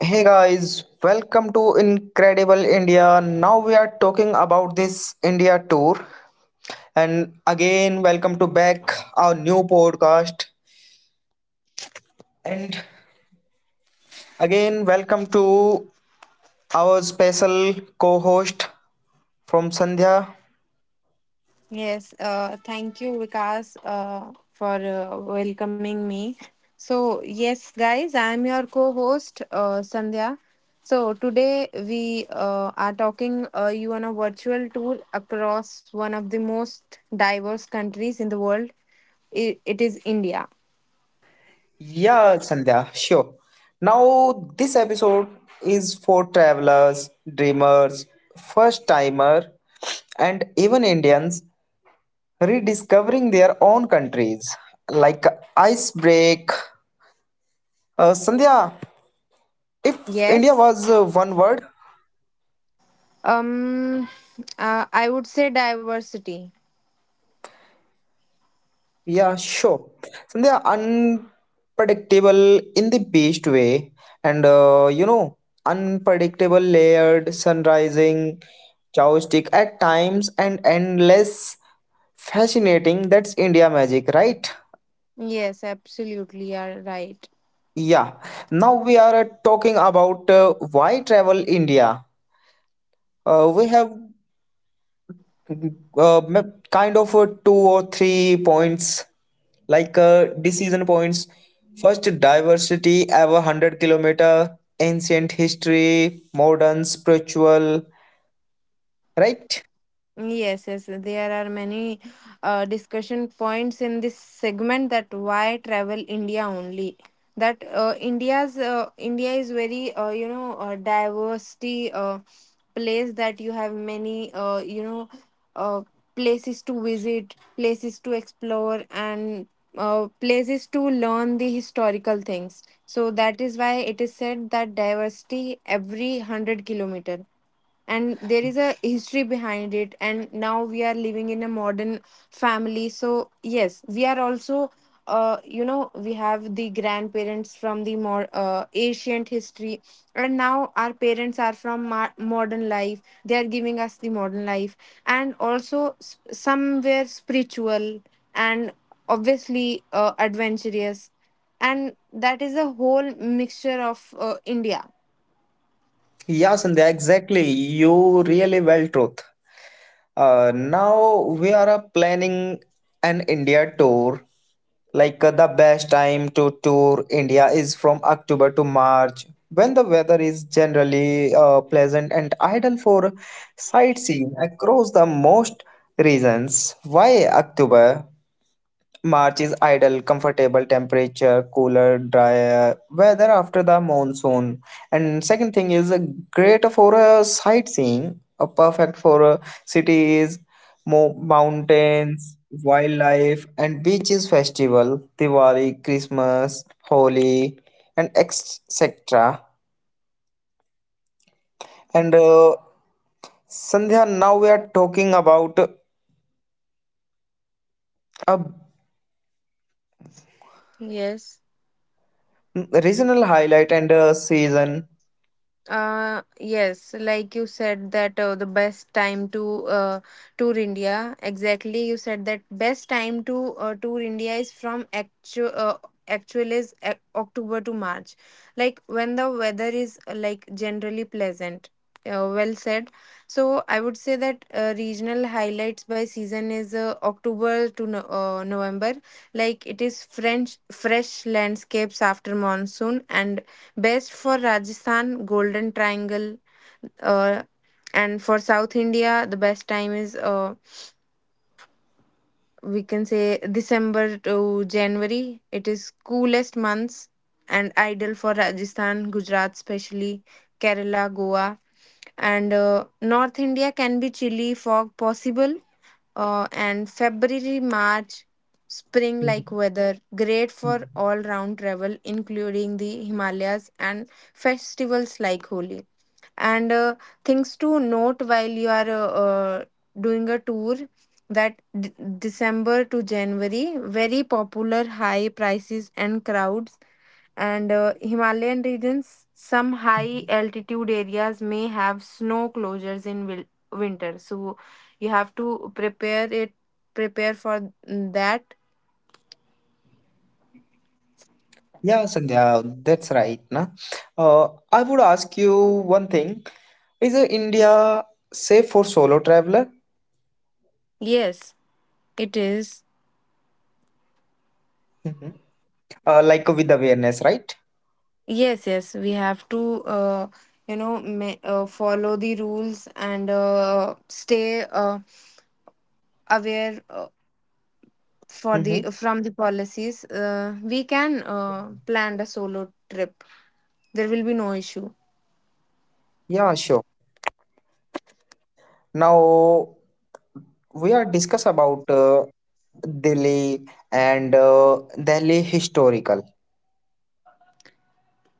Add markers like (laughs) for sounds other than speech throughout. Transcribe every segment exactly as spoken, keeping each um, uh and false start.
Hey guys, welcome to Incredible India. Now we are talking about this India tour. And again, welcome to back our new podcast. And again, welcome to our special co-host from Sandhya. Yes, uh, thank you, Vikas, uh, for uh, welcoming me. So, yes, guys, I'm your co host, uh, Sandhya. So, today we uh, are talking uh, you on a virtual tour across one of the most diverse countries in the world. I It is India. Yeah, Sandhya, sure. Now this episode is for travelers, dreamers, first timer, and even Indians rediscovering their own countries like icebreak. Uh, Sandhya, if India Yes, was uh, one word, um, uh, I would say diversity. yeah, sure. Sandhya, unpredictable in the best way, and uh, you know, unpredictable, layered, sun rising, joystick at times, and endless fascinating. That's India magic, right? Yes, absolutely, you are right. Yeah. Now we are uh, talking about uh, why travel India. Uh, we have uh, ma- kind of uh, two or three points like uh, decision points, first diversity ever one hundred kilometer, ancient history, modern spiritual, right. Yes, yes, there are many uh, discussion points in this segment that why travel India only. That uh, India's uh, India is very uh, you know uh, diversity uh, place, that you have many uh, you know uh, places to visit, places to explore, and uh, places to learn the historical things. So that is why it is said that diversity every hundred kilometer, and there is a history behind it, and now we are living in a modern family. So yes, we are also, uh, you know we have the grandparents from the more uh, ancient history, and now our parents are from mar- modern life, they are giving us the modern life, and also s- somewhere spiritual, and obviously uh, adventurous, and that is a whole mixture of uh, India. Yeah, Sandhya, exactly. You really well truth. Uh, now we are uh, planning an India tour. Like uh, the best time to tour India is from October to March, when the weather is generally uh, pleasant and ideal for sightseeing across the most regions. Why October? March is ideal, comfortable temperature, cooler, drier weather after the monsoon. And second thing is uh, great for uh, sightseeing, uh, perfect for uh, cities, mo- mountains, wildlife, and beaches festival, Diwali, Christmas, Holi, and et cetera. And uh, Sandhya, now we are talking about a Yes. regional highlight and a season. Uh, yes, like you said that uh, the best time to uh, tour India. Exactly, you said that best time to uh, tour India is from actual uh, actual is Oc- October to March, like when the weather is uh, like generally pleasant. Uh, well said. So I would say that uh, regional highlights by season is uh, October to no- uh, November. Like it is French fresh landscapes after monsoon, and best for Rajasthan, Golden Triangle, uh, and for South India, the best time is, uh, we can say, December to January. It is coolest months and ideal for Rajasthan, Gujarat, especially Kerala, Goa, and uh, North India can be chilly, fog possible, uh, and February, March. Spring like weather, great for all round travel, including the Himalayas and festivals like Holi. And uh, things to note while you are uh, uh, doing a tour, that d- December to January very popular, high prices and crowds. And uh, Himalayan regions, some high altitude areas may have snow closures in wil- winter. So you have to prepare it prepare for that. Yeah, Sandhya, that's right. Na? Uh, I would ask you one thing. Is uh, India safe for solo traveler? Yes, it is. Hmm. Uh, like uh, with awareness, right? Yes, yes, we have to, uh, you know, ma- uh, follow the rules, and uh, stay uh, aware, uh, for Mm-hmm. the from the policies. Uh, we can uh, plan a solo trip. There will be no issue. Yeah, sure. Now we are discuss about uh, Delhi and uh, Delhi historical.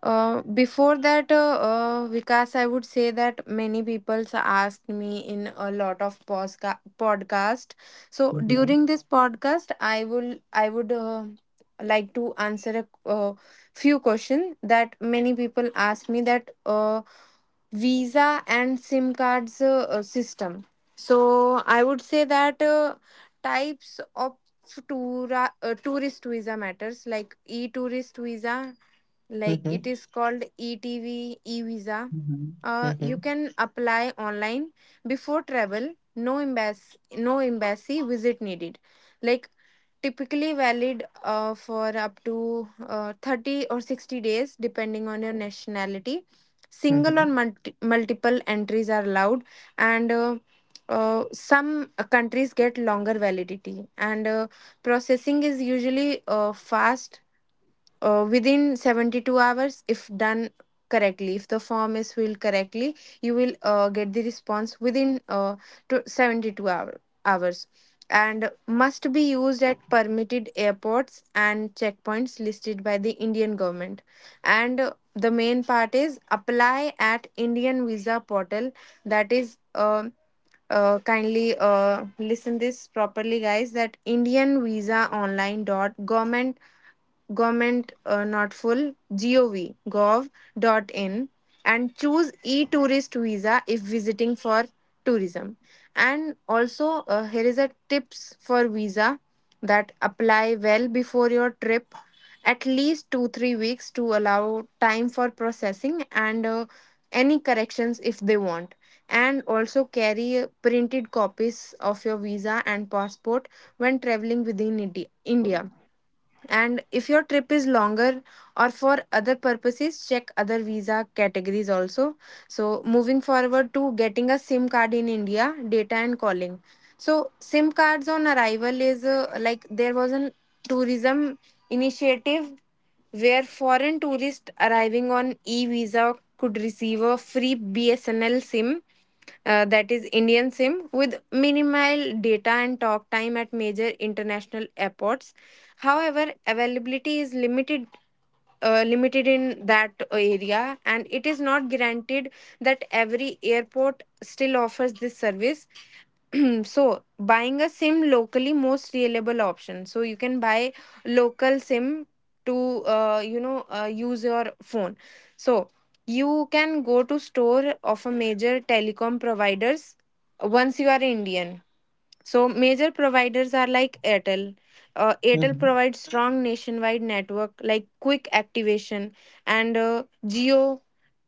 Uh, before that, uh, uh, Vikas, I would say that many people asked me in a lot of posca- podcast. So Mm-hmm. during this podcast, I will I would uh, like to answer a uh, few question that many people ask me that. Uh, visa and sim cards uh, uh, system. So I would say that uh, types of toura, uh, tourist visa matters, like e tourist visa, like Mm-hmm. it is called etv e visa. Mm-hmm. Uh, you can apply online before travel, no embassy no embassy visit needed. Like typically valid uh, for up to uh, thirty or sixty days depending on your nationality. Single or Mm-hmm. multi- multiple entries are allowed. And uh, uh, some countries get longer validity, and uh, processing is usually uh, fast, uh, within seventy-two hours if done correctly, if the form is filled correctly. You will uh, get the response within uh, to seventy-two hour, hours. And must be used at permitted airports and checkpoints listed by the Indian government. And uh, the main part is apply at indian visa portal, that is, uh, uh, kindly uh, listen this properly, guys, that indian visa online dot government government, uh, not full, gov gov dot in. And choose e-tourist visa if visiting for tourism. And also, uh, here is a tips for visa, that apply well before your trip, at least 2 3 weeks to allow time for processing and uh, any corrections if they want. And also carry uh, printed copies of your visa and passport when traveling within Indi- india. And if your trip is longer or for other purposes, check other visa categories also. So, moving forward to getting a SIM card in India, data and calling. So, SIM cards on arrival is, uh, like there was an tourism initiative where foreign tourists arriving on e visa could receive a free B S N L SIM, uh, that is Indian SIM with minimal data and talk time at major international airports. However, availability is limited uh, limited in that area, and it is not guaranteed that every airport still offers this service. (clears throat) So buying a sim locally, most reliable option. So you can buy local sim to uh, you know uh, use your phone. So you can go to store of a major telecom providers once you are Indian. So major providers are like Airtel. Uh, Airtel Mm-hmm. provides strong nationwide network, like quick activation, and uh, Jio,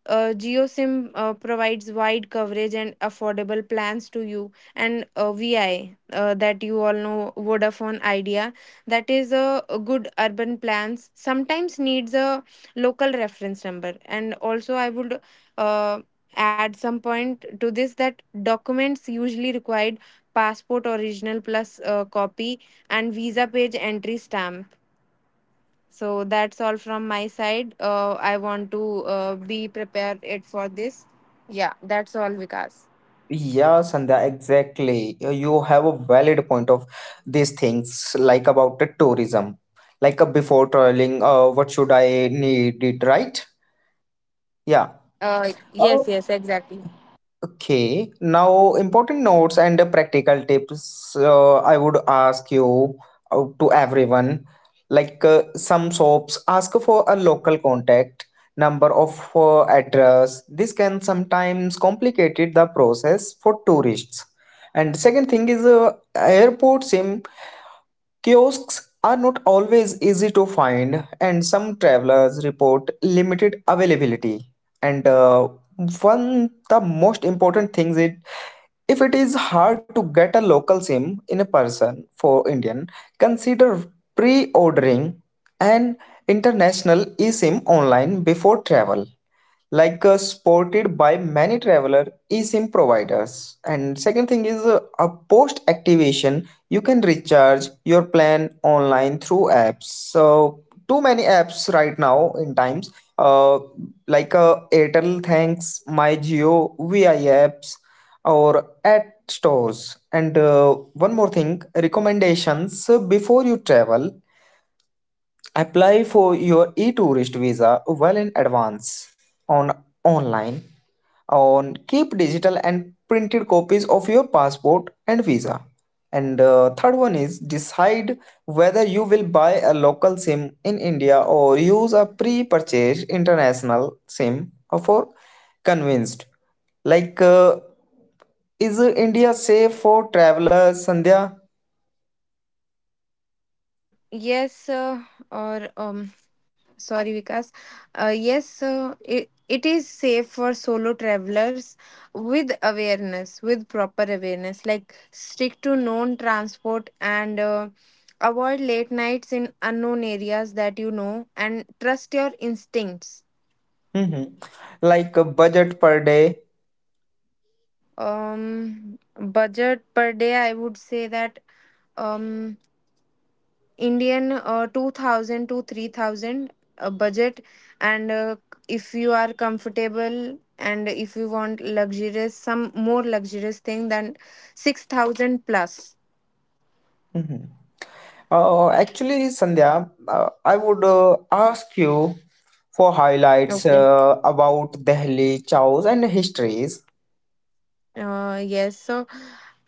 uh, GeoSIM uh, provides wide coverage and affordable plans to you, and uh, V I, uh, that you all know, Vodafone Idea, that is a a good urban plans. Sometimes needs a local reference number, and also I would uh, add some point to this, that documents usually required, passport original plus uh, copy and visa page entry stamp. So that's all from my side. Uh, I want to uh, be prepared it for this. Yeah, that's all, Vikas. Yeah, Sandhya, exactly. You you have a valid point of these things, like about the tourism, like uh, before traveling, uh, what should I need it, right? Yeah. Uh, yes, yes, exactly. Okay, now important notes and uh, practical tips, uh, I would ask you uh, to everyone. Like uh, some soaps ask for a local contact number of uh, address. This can sometimes complicate the process for tourists. And second thing is uh, airport sim kiosks are not always easy to find, and some travelers report limited availability. And uh, one the most important things is, if it is hard to get a local SIM in a person for Indian, consider pre-ordering an international eSIM online before travel, like uh, sported by many traveler eSIM providers. And second thing is uh, a post activation, you can recharge your plan online through apps. So too many apps right now in times, uh, like uh, Airtel Thanks, My Geo, V I apps, or at stores. And uh, one more thing, recommendations uh, before you travel, apply for your e-tourist visa well in advance on online, on keep digital and printed copies of your passport and visa. And uh, third one is decide whether you will buy a local sim in India or use a pre-purchased international sim for convinced. Like uh, is uh, India safe for travelers, Sandhya? Yes, uh, or um, sorry, Vikas. Uh, yes, uh, it, it is safe for solo travelers with awareness, with proper awareness. Like, stick to known transport and uh, avoid late nights in unknown areas that you know, and trust your instincts. Mhm. Like a budget per day. Um, budget per day, I would say that um, Indian uh, two thousand to three thousand uh, budget. And uh, if you are comfortable and if you want luxurious, some more luxurious thing, then six thousand plus. Mhm. Uh, actually, Sandhya, uh, I would uh, ask you for highlights Okay. uh, about Delhi, chows, and histories. Uh, yes, so,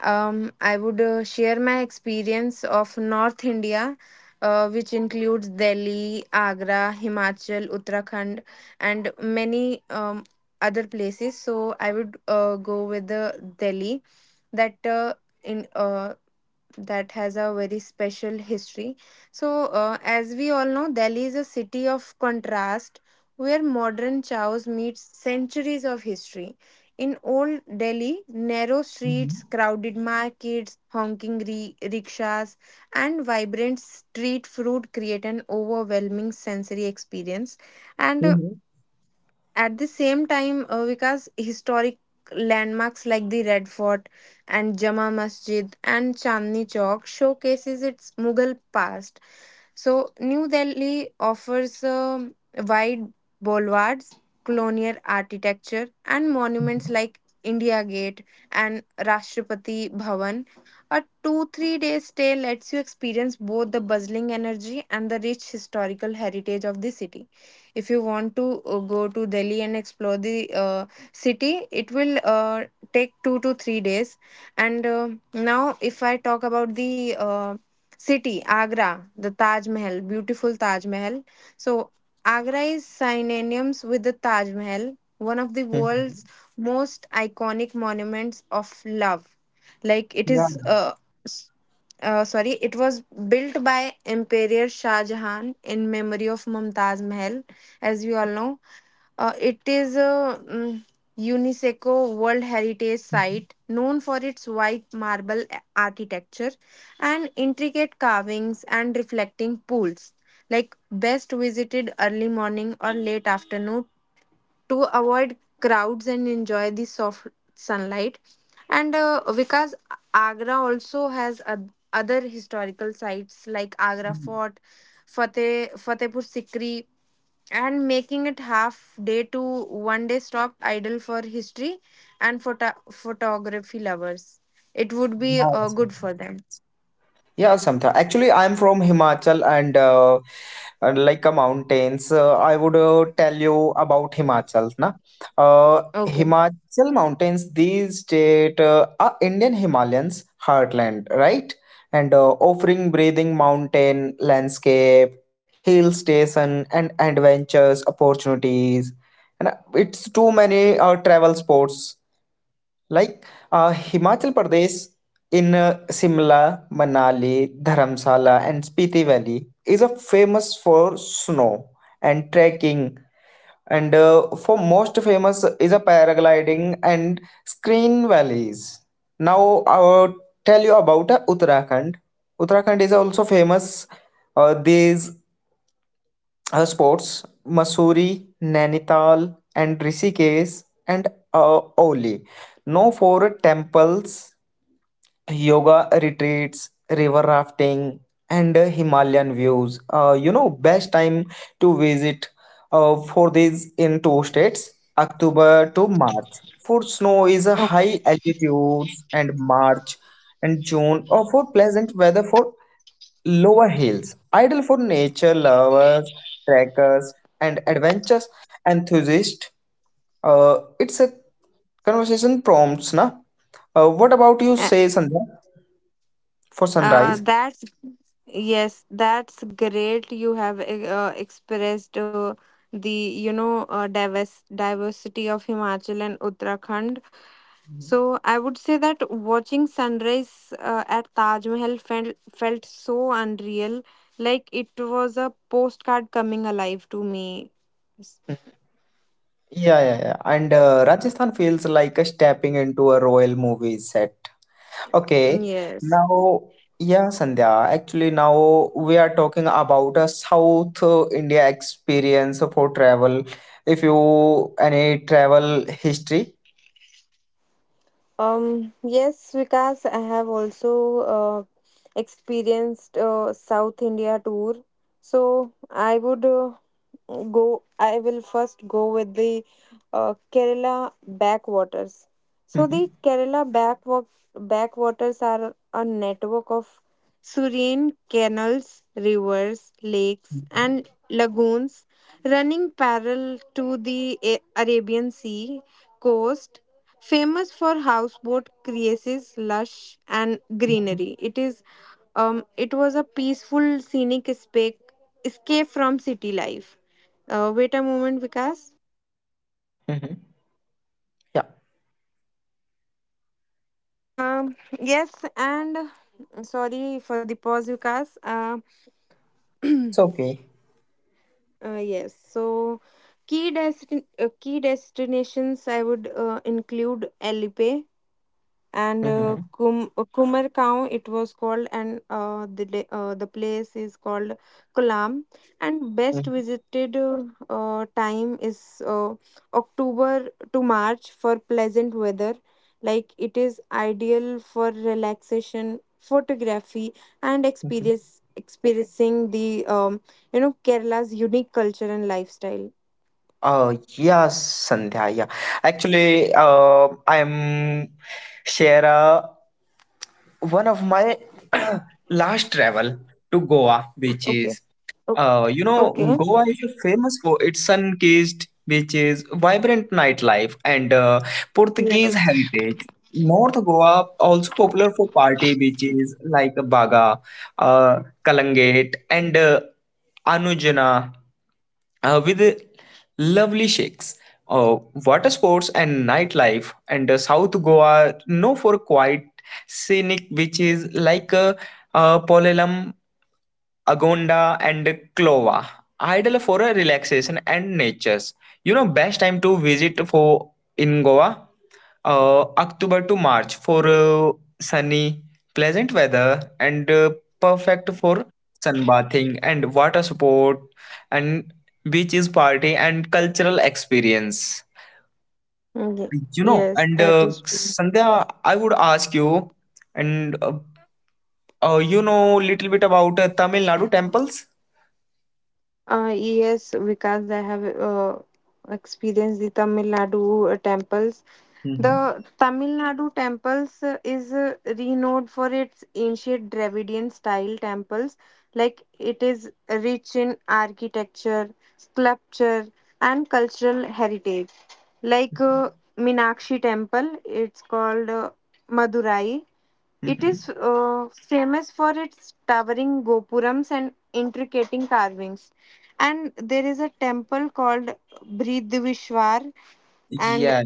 um, I would uh, share my experience of North India, uh, which includes Delhi, Agra, Himachal, Uttarakhand, and many um, other places. So I would uh, go with the Delhi, that uh, in uh, that has a very special history. So, uh, as we all know, Delhi is a city of contrast where modern chaos meets centuries of history. In old Delhi, narrow Mhm. streets, crowded markets, honking re- rickshaws, and vibrant street food create an overwhelming sensory experience. And uh, Mhm. at the same time, uh, Vikas, historic landmarks like the Red Fort and Jama Masjid and Chandni Chowk showcases its Mughal past. So, New Delhi offers um, wide boulevards, colonial architecture, and monuments like India Gate and Rashtrapati Bhavan. A two three day stay lets you experience both the bustling energy and the rich historical heritage of the city. If you want to uh, go to Delhi and explore the uh, city, it will uh, take two to three days. And uh, now, if I talk about the uh, city, Agra, the Taj Mahal, beautiful Taj Mahal. So, Agra is synonymous with the Taj Mahal, one of the Mhm. world's most iconic monuments of love. Like it is, Yeah. uh, s- uh, sorry, it was built by Emperor Shah Jahan in memory of Mumtaz Mahal, as we all know. Uh, it is a mm, UNESCO World Heritage Site known for its white marble a- architecture and intricate carvings and reflecting pools. Like, best visited early morning or late afternoon to avoid crowds and enjoy the soft sunlight. And uh, because Agra also has oth- other historical sites like Agra Fort, Fateh, Fatehpur Sikri, and making it half day to one day stop idle for history and photo- photography lovers. It would be Yeah. uh, good for them. Yeah, sometimes. Actually, I'm from Himachal and uh, and like a mountains. Uh, I would uh, tell you about Himachal, na? Uh, Okay. Himachal mountains, these state uh, are Indian Himalayans heartland, right? And uh, offering breathing mountain landscape, hill station, and adventures opportunities. And uh, it's too many uh, travel sports like uh, Himachal Pradesh in uh, Shimla, Manali, Dharamsala, and Spiti Valley is a famous for snow and trekking, and uh, for most famous is a paragliding and screen valleys. Now I'll tell you about uh, Uttarakhand. Uttarakhand is also famous uh, these uh, sports Masuri, Nainital, and Rishikesh, and uh, Oli, known for temples, yoga retreats, river rafting, and uh, Himalayan views. Uh, you know, best time to visit uh, for these in two states, October to March. For snow is a high altitudes, and March and June or for pleasant weather for lower hills. Ideal for nature lovers, trekkers, and adventures enthusiasts. Uh, it's a conversation prompts, na? Uh, what about you Uh, say, Sandhya? For uh, sunrise. that's Yes, that's great. You have uh, expressed uh, the you know uh, diverse diversity of Himachal and Uttarakhand. So I would say that watching sunrise uh, at Taj Mahal felt felt so unreal, like it was a postcard coming alive to me. S- Mhm. Yeah, yeah, yeah. And uh, Rajasthan feels like a stepping into a royal movie set. Okay, Yes. now, yeah, Sandhya, actually, now we are talking about a South uh, India experience for travel. If you any travel history, Um. Yes, Vikas. I have also uh, experienced uh, South India tour. So I would uh, go i will first go with the uh, Kerala backwaters. So mhm. the Kerala backwa- backwaters are a network of serene canals, rivers, lakes, and lagoons running parallel to the A- Arabian Sea coast, famous for houseboat creases, lush and greenery. It is um, it was a peaceful scenic escape escape from city life. Uh, wait a moment, Vikas. Mm-hmm. Yeah, Um, yes, and sorry for the pause, Vikas. Uh, it's (clears throat) okay. Uh, yes. So, key destin- uh, key destinations I would uh, include Elipe, and Mm-hmm. uh, Kum- uh, Kumargaon, it was called, and uh, the da- uh, the place is called Kolam. And Mm-hmm. best visited, uh, uh, time is, uh, October to March, for pleasant weather, like it is ideal for relaxation photography and experience experiencing the um, you know Kerala's unique culture and lifestyle. Oh yes, Sandhya. Yeah, actually, uh, I'm share a one of my (clears throat) last travel to Goa Okay, beaches. okay, Uh, you know, okay. Goa is famous for its sun-kissed beaches, vibrant nightlife, and uh, Portuguese Yes, heritage. North Goa also popular for party beaches like Baga, uh, Kalangate, and uh, Anujana uh, with lovely shakes, uh, water sports, and nightlife. And uh, South Goa, known for quiet scenic beaches like uh, uh, Polellum, Agonda, and Clova. Ideal for a relaxation and natures. You know, best time to visit for in Goa, uh, October to March for uh, sunny, pleasant weather, and uh, perfect for sunbathing and water sport and beaches party and cultural experience. okay. You know, Yes, and that uh, is true. Sandhya, I would ask you, and uh, oh, you know little bit about uh, Tamil Nadu temples? Uh, yes, because I have uh, experienced the Tamil Nadu uh, temples. Hmm. The Tamil Nadu temples uh, is uh, renowned for its ancient Dravidian style temples. Like it is rich in architecture, sculpture, and cultural heritage. Like uh, Minakshi temple, it's called uh, Madurai. It Mm-hmm. is uh, famous for its towering gopurams and intricate carvings. And there is a temple called Bridvishwar and Yeah,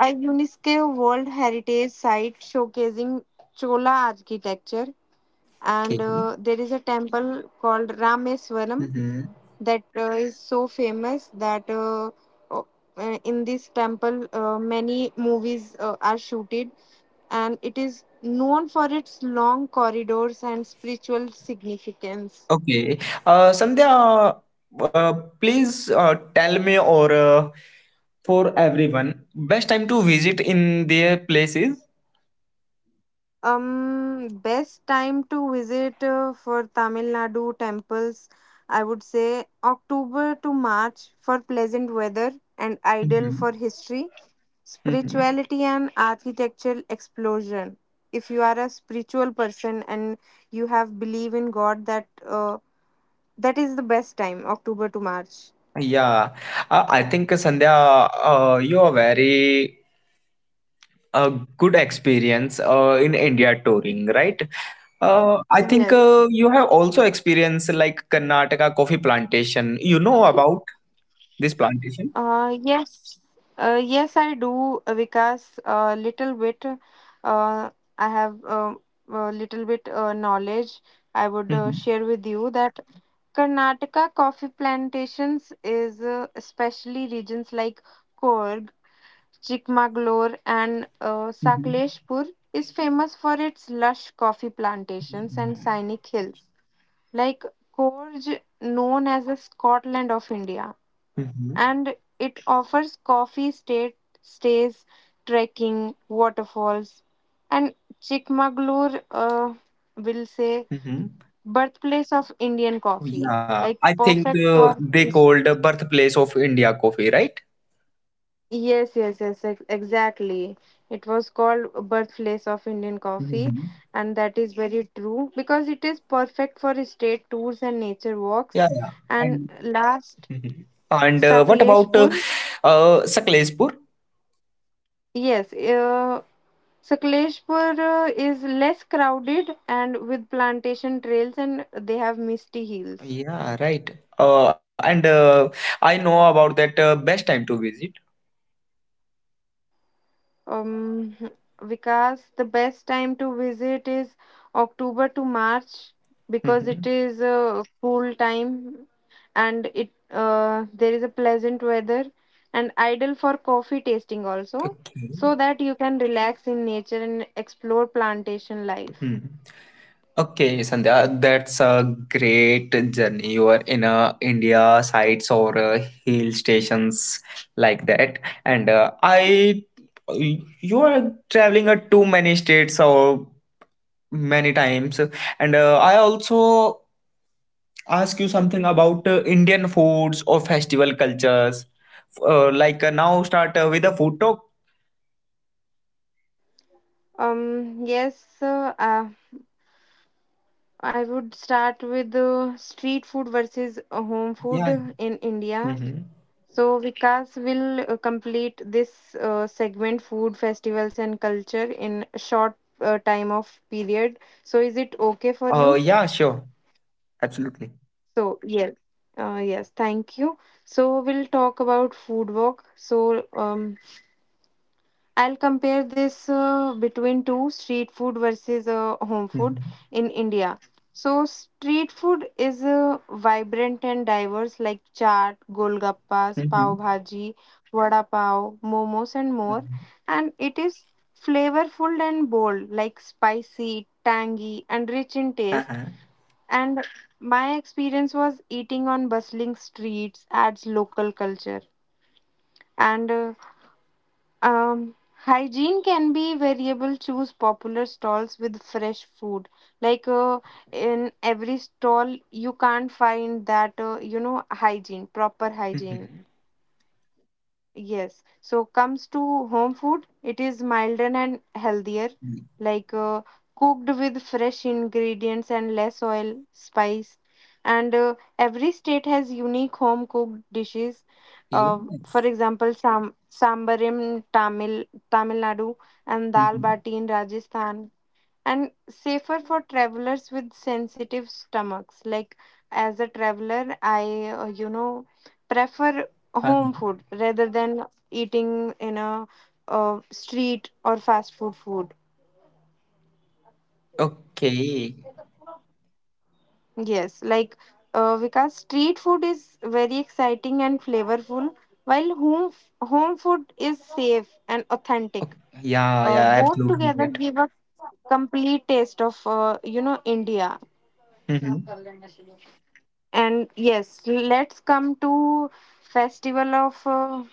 a UNESCO World Heritage Site showcasing Chola architecture and okay. uh, there is a temple called Rameswaram Mm-hmm. that uh, is so famous that uh, o- uh, in this temple uh, many movies uh, are shooted, and it is known for its long corridors and spiritual significance. Okay. Uh, Sandhya, uh, please uh, tell me or uh, for everyone, best time to visit in their places? Um, best time to visit uh, for Tamil Nadu temples, I would say October to March for pleasant weather and ideal Mm-hmm. for history, Mm-hmm. spirituality, and architectural explosion. If you are a spiritual person and you have belief in God, that uh, that is the best time, October to March. Yeah. Uh, I think, uh, Sandhya, uh, you are very a good experience uh, in India touring, right? Uh, I think Yes. uh, you have also experienced like Karnataka coffee plantation. You know about this plantation? Uh, yes, uh, yes, I do, uh, Vikas. A little bit. Uh, I have um, a little bit uh, knowledge. I would uh, Hmm. share with you that Karnataka coffee plantations is uh, especially regions like Korg, Chikmagalur, and uh, Hmm. Sakleshpur is famous for its lush coffee plantations and scenic hills. Like Korg, known as the Scotland of India, Hmm. and it offers coffee state stays, trekking, waterfalls, and Chikmagalur uh, will say Hmm. birthplace of Indian coffee, Yeah, like I think perfect uh, for they is, called the birthplace of India coffee, right? yes, yes, yes, ex- exactly. It was called birthplace of Indian coffee, Hmm. and that is very true because it is perfect for state tours and nature walks. Yeah, yeah. And And, last, mhm. And uh, what about uh, Sakleshpur. uh, Saklespur? Yes, uh, Sakleshpur uh, is less crowded and with plantation trails and they have misty hills. Yeah, right. Uh, and uh, I know about that uh, best time to visit. Um, Vikas, the best time to visit is October to March because Hmm. it is a cool time and it uh, there is a pleasant weather and ideal for coffee tasting also, Okay. so that you can relax in nature and explore plantation life. Hmm. Okay, Sandhya, that's a great journey. You are in a India sites or uh, hill stations like that, and uh, I, you are traveling uh, too many states or many times, and uh, I also ask you something about uh, Indian foods or festival cultures. Uh, like uh, now, start uh, with a food talk. Um, yes, uh, uh, I would start with uh, street food versus uh, home Yeah. food in India. Mm-hmm. So Vikas will uh, complete this uh, segment, food festivals and culture, in a short uh, time of period. So is it okay for Uh, you? yeah, sure, absolutely. So yes, uh, yes, thank you. So we'll talk about food walk. So um, I'll compare this uh, between two, street food versus uh, home food in India. So, street food is uh, vibrant and diverse, like chaat, golgappas, Mm-hmm. pav bhaji, vada pav, momos, and more. And it is flavorful and bold, like spicy, tangy, and rich in taste. Uh-huh. And my experience was eating on bustling streets adds local culture, and uh, um, hygiene can be variable. Choose popular stalls with fresh food. Like uh, in every stall, you can't find that uh, you know hygiene, proper hygiene. Mm-hmm. Yes. So comes to home food, it is milder and healthier, like uh, cooked with fresh ingredients and less oil, spice. And uh, every state has unique home cooked dishes. Uh, Yes. for example, sam sambar in Tamil Tamil Nadu and dal Mm-hmm. bati in Rajasthan, and safer for travelers with sensitive stomachs. Like as a traveler, i uh, you know prefer Uh-huh. home food rather than eating in a uh, street or fast food food. Okay. Yes, like uh, because street food is very exciting and flavorful, while home home food is safe and Oh, authentic. yeah, Uh, yeah, both absolutely together right. give a complete taste of uh, you know india. Mm-hmm. And yes, let's come to festival of uh,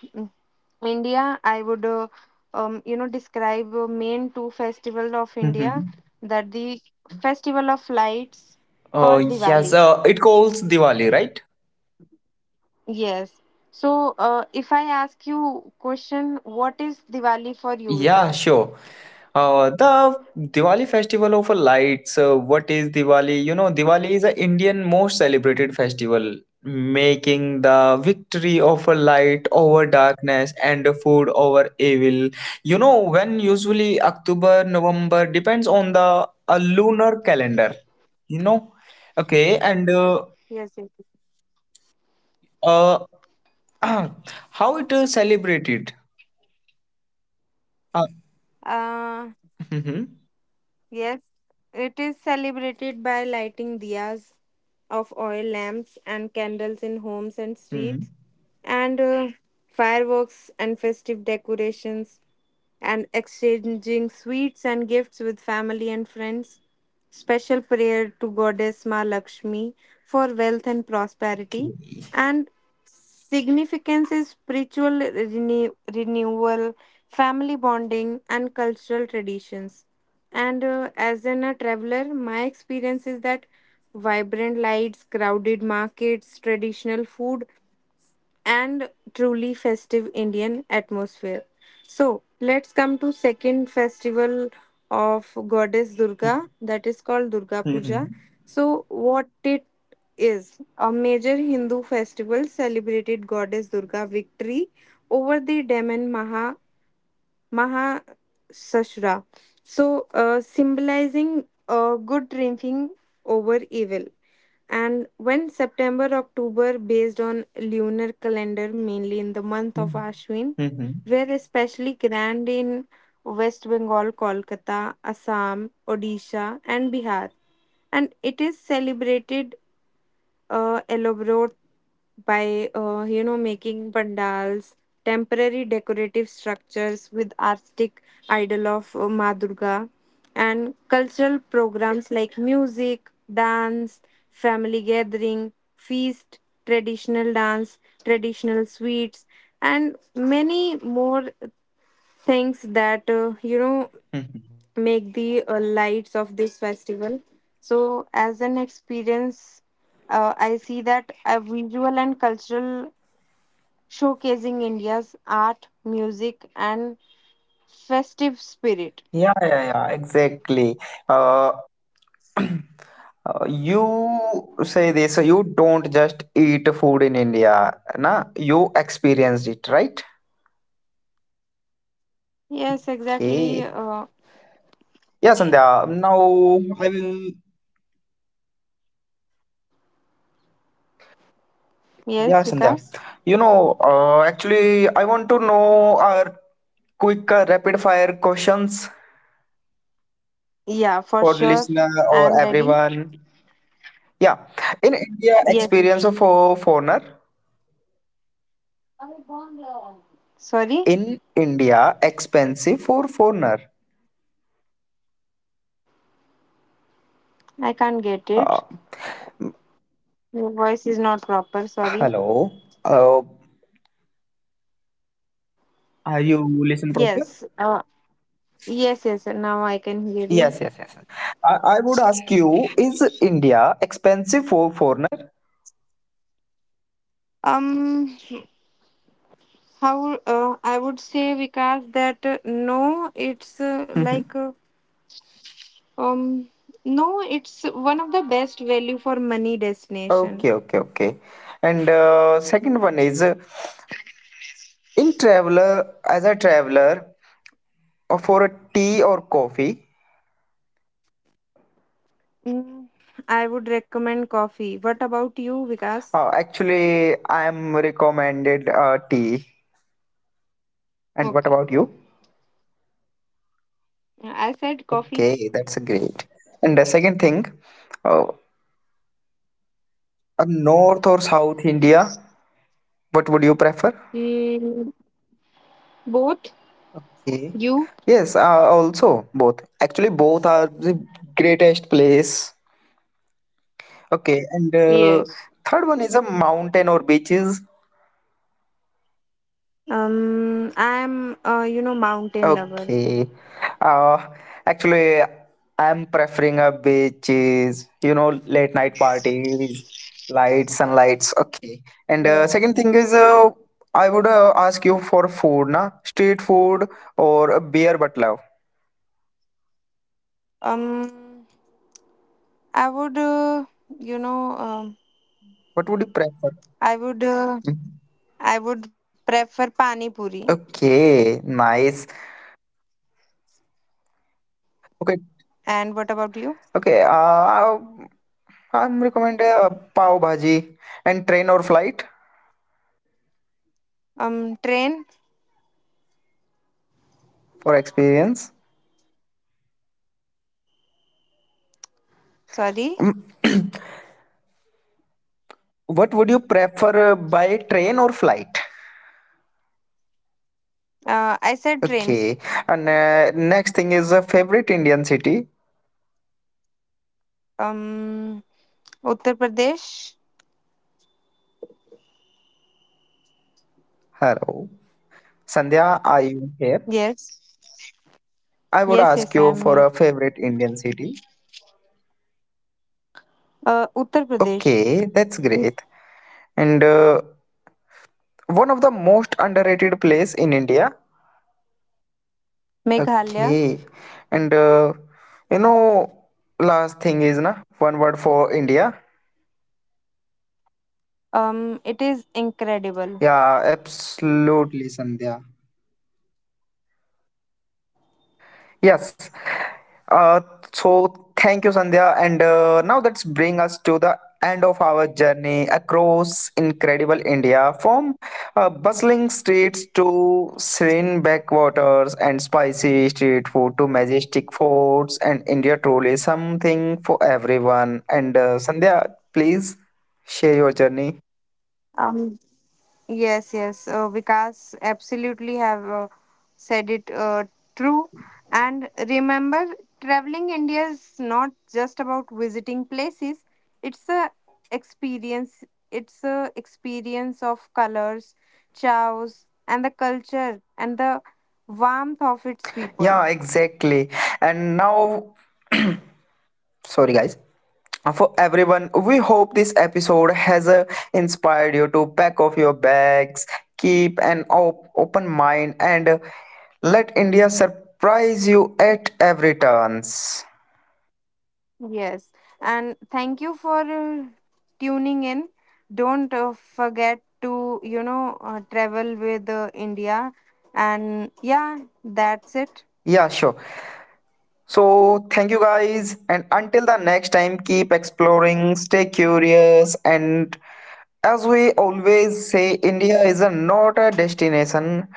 India. I would, uh, um, you know, describe uh, main two festival of India, Mm-hmm. that the festival of lights Oh, called yes, Diwali. so it calls Diwali, right? Yes. So, uh, if I ask you question, what is Diwali for you, Yeah, Vikas? sure. Uh, the Diwali festival of lights. Uh, what is Diwali? You know, Diwali is a Indian most celebrated festival, making the victory of a light over darkness and the food over evil. You know, when usually October, November depends on the a lunar calendar. You know, okay, and uh, Yes, yes. uh (clears throat) how it is celebrated. Uh, Uh, (laughs) hmm. yes, it is celebrated by lighting diyas of oil lamps and candles in homes and Hmm. streets, and uh, fireworks and festive decorations, and exchanging sweets and gifts with family and friends. Special prayer to Goddess Ma Lakshmi for wealth and prosperity, Okay. and significance is spiritual renew- renewal, family bonding, and cultural traditions. And uh, as an, a traveler, my experience is that vibrant lights, crowded markets, traditional food, and truly festive Indian atmosphere. So let's come to second festival of goddess Durga, that is called Durga Mhm. Puja. So what it is, a major Hindu festival celebrated goddess Durga victory over the demon Maha Mahasasura. So uh, symbolizing uh, good triumphing over evil, and when September October based on lunar calendar, mainly in the Mhm. month of Ashwin, Mhm. were especially grand in West Bengal, Kolkata, Assam, Odisha and Bihar, and it is celebrated uh, elaborate by uh, you know making pandals, temporary decorative structures with artistic idol of uh, Ma Durga, and cultural programs like music dance, family gathering, feast, traditional dance, traditional sweets, and many more things that uh, you know Mhm. make the uh, lights of this festival. So, as an experience, uh, I see that a visual and cultural showcasing India's art, music, and festive spirit. Yeah, yeah, yeah, exactly. Uh, (clears throat) uh, you say this, so you don't just eat food in India, na? You experienced it, right? Yes, exactly. Uh, Okay. Yeah, Sandhya. Now I will. yes, Yeah, Vikas. Sandhya. You know, uh, actually, I want to know our quick uh, rapid fire questions Yeah, for for sure. listener I'm or ready. everyone. Yeah, in India, Yes. experience of a foreigner. Sorry, In India expensive for foreigner. I can't get Uh, it. Your voice is not proper. Sorry. hello. Uh, are you listen proper? Yes. Uh, yes, yes. Now I can hear you. Yes, yes, yes. I, I would ask you, is India expensive for foreigner? Um. How uh, I would say, Vikas, that uh, no, it's uh, Hmm. like uh, um, no, it's one of the best value for money destination. Okay, okay, okay. And uh, second one is uh, in traveler, as a traveler, uh, for a tea or coffee, Mm, I would recommend coffee. What about you, Vikas? uh, actually, I am recommended uh, tea. And what Okay, about you? I said coffee. Okay, that's great. And the second thing, uh, Uh, North or South India? What would you prefer? Mm, both. Okay. You? Yes, uh, also both. Actually, both are the greatest place. Okay, and uh, Yes. third one is a mountain or beaches. Um, I'm uh, you know mountain lover. Okay. Uh, actually, I'm preferring a beaches. You know, late night parties, lights, sunlights. Okay. And uh, second Yes. thing is, uh, I would uh, ask you for food, na? Street food or a beer but love. Um, I would uh, you know um, What would you prefer? I would uh, Mhm. I would prefer pani puri. Okay, nice. Okay, And what about you? okay. Uh, I'm recommend a pav bhaji and train or flight Um, train. for experience. Sorry, Mm, what would you prefer uh, by train or flight? uh, I said trains. Okay, and uh, next thing is a favorite Indian city. Um, Uttar Pradesh. Hello, Sandhya, are you here? Yes, I would yes, ask yes. you I'm for here. a favorite Indian city. Uh, Uttar Pradesh, Okay, that's great. And uh, one of the most underrated place in India. Meghalaya. Okay. And uh, you know, last thing is na one word for India. Um, it is incredible. Yeah, absolutely, Sandhya. Yes. Uh, so thank you, Sandhya. And uh, now let's bring us to the end of our journey across incredible India, from uh, bustling streets to serene backwaters and spicy street food to majestic forts. And India truly is something for everyone. And uh, Sandhya, please share your journey. Um, Yes, yes. Uh, Vikas absolutely have uh, said it uh, true. And remember, traveling India is not just about visiting places. It's a experience. It's a experience of colors, chows, and the culture and the warmth of its people. Yeah, exactly. And now, sorry guys. For everyone, we hope this episode has uh, inspired you to pack off your bags, keep an op- open mind, and uh, let India surprise you at every turns. Yes, and thank you for uh, tuning in. Don't uh, forget to, you know, uh, travel with uh, India. And yeah, that's it. Yeah, sure. So thank you guys, and until the next time, keep exploring, stay curious, and as we always say, India is a, not a destination,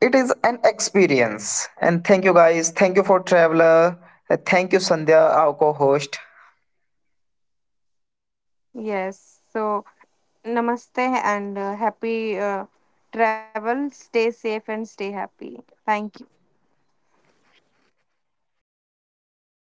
it is an experience. And thank you guys, thank you for traveler. Uh, thank you Sandhya, our co-host. Yes, so namaste and uh, happy uh, travel. Stay safe and stay happy. Thank you.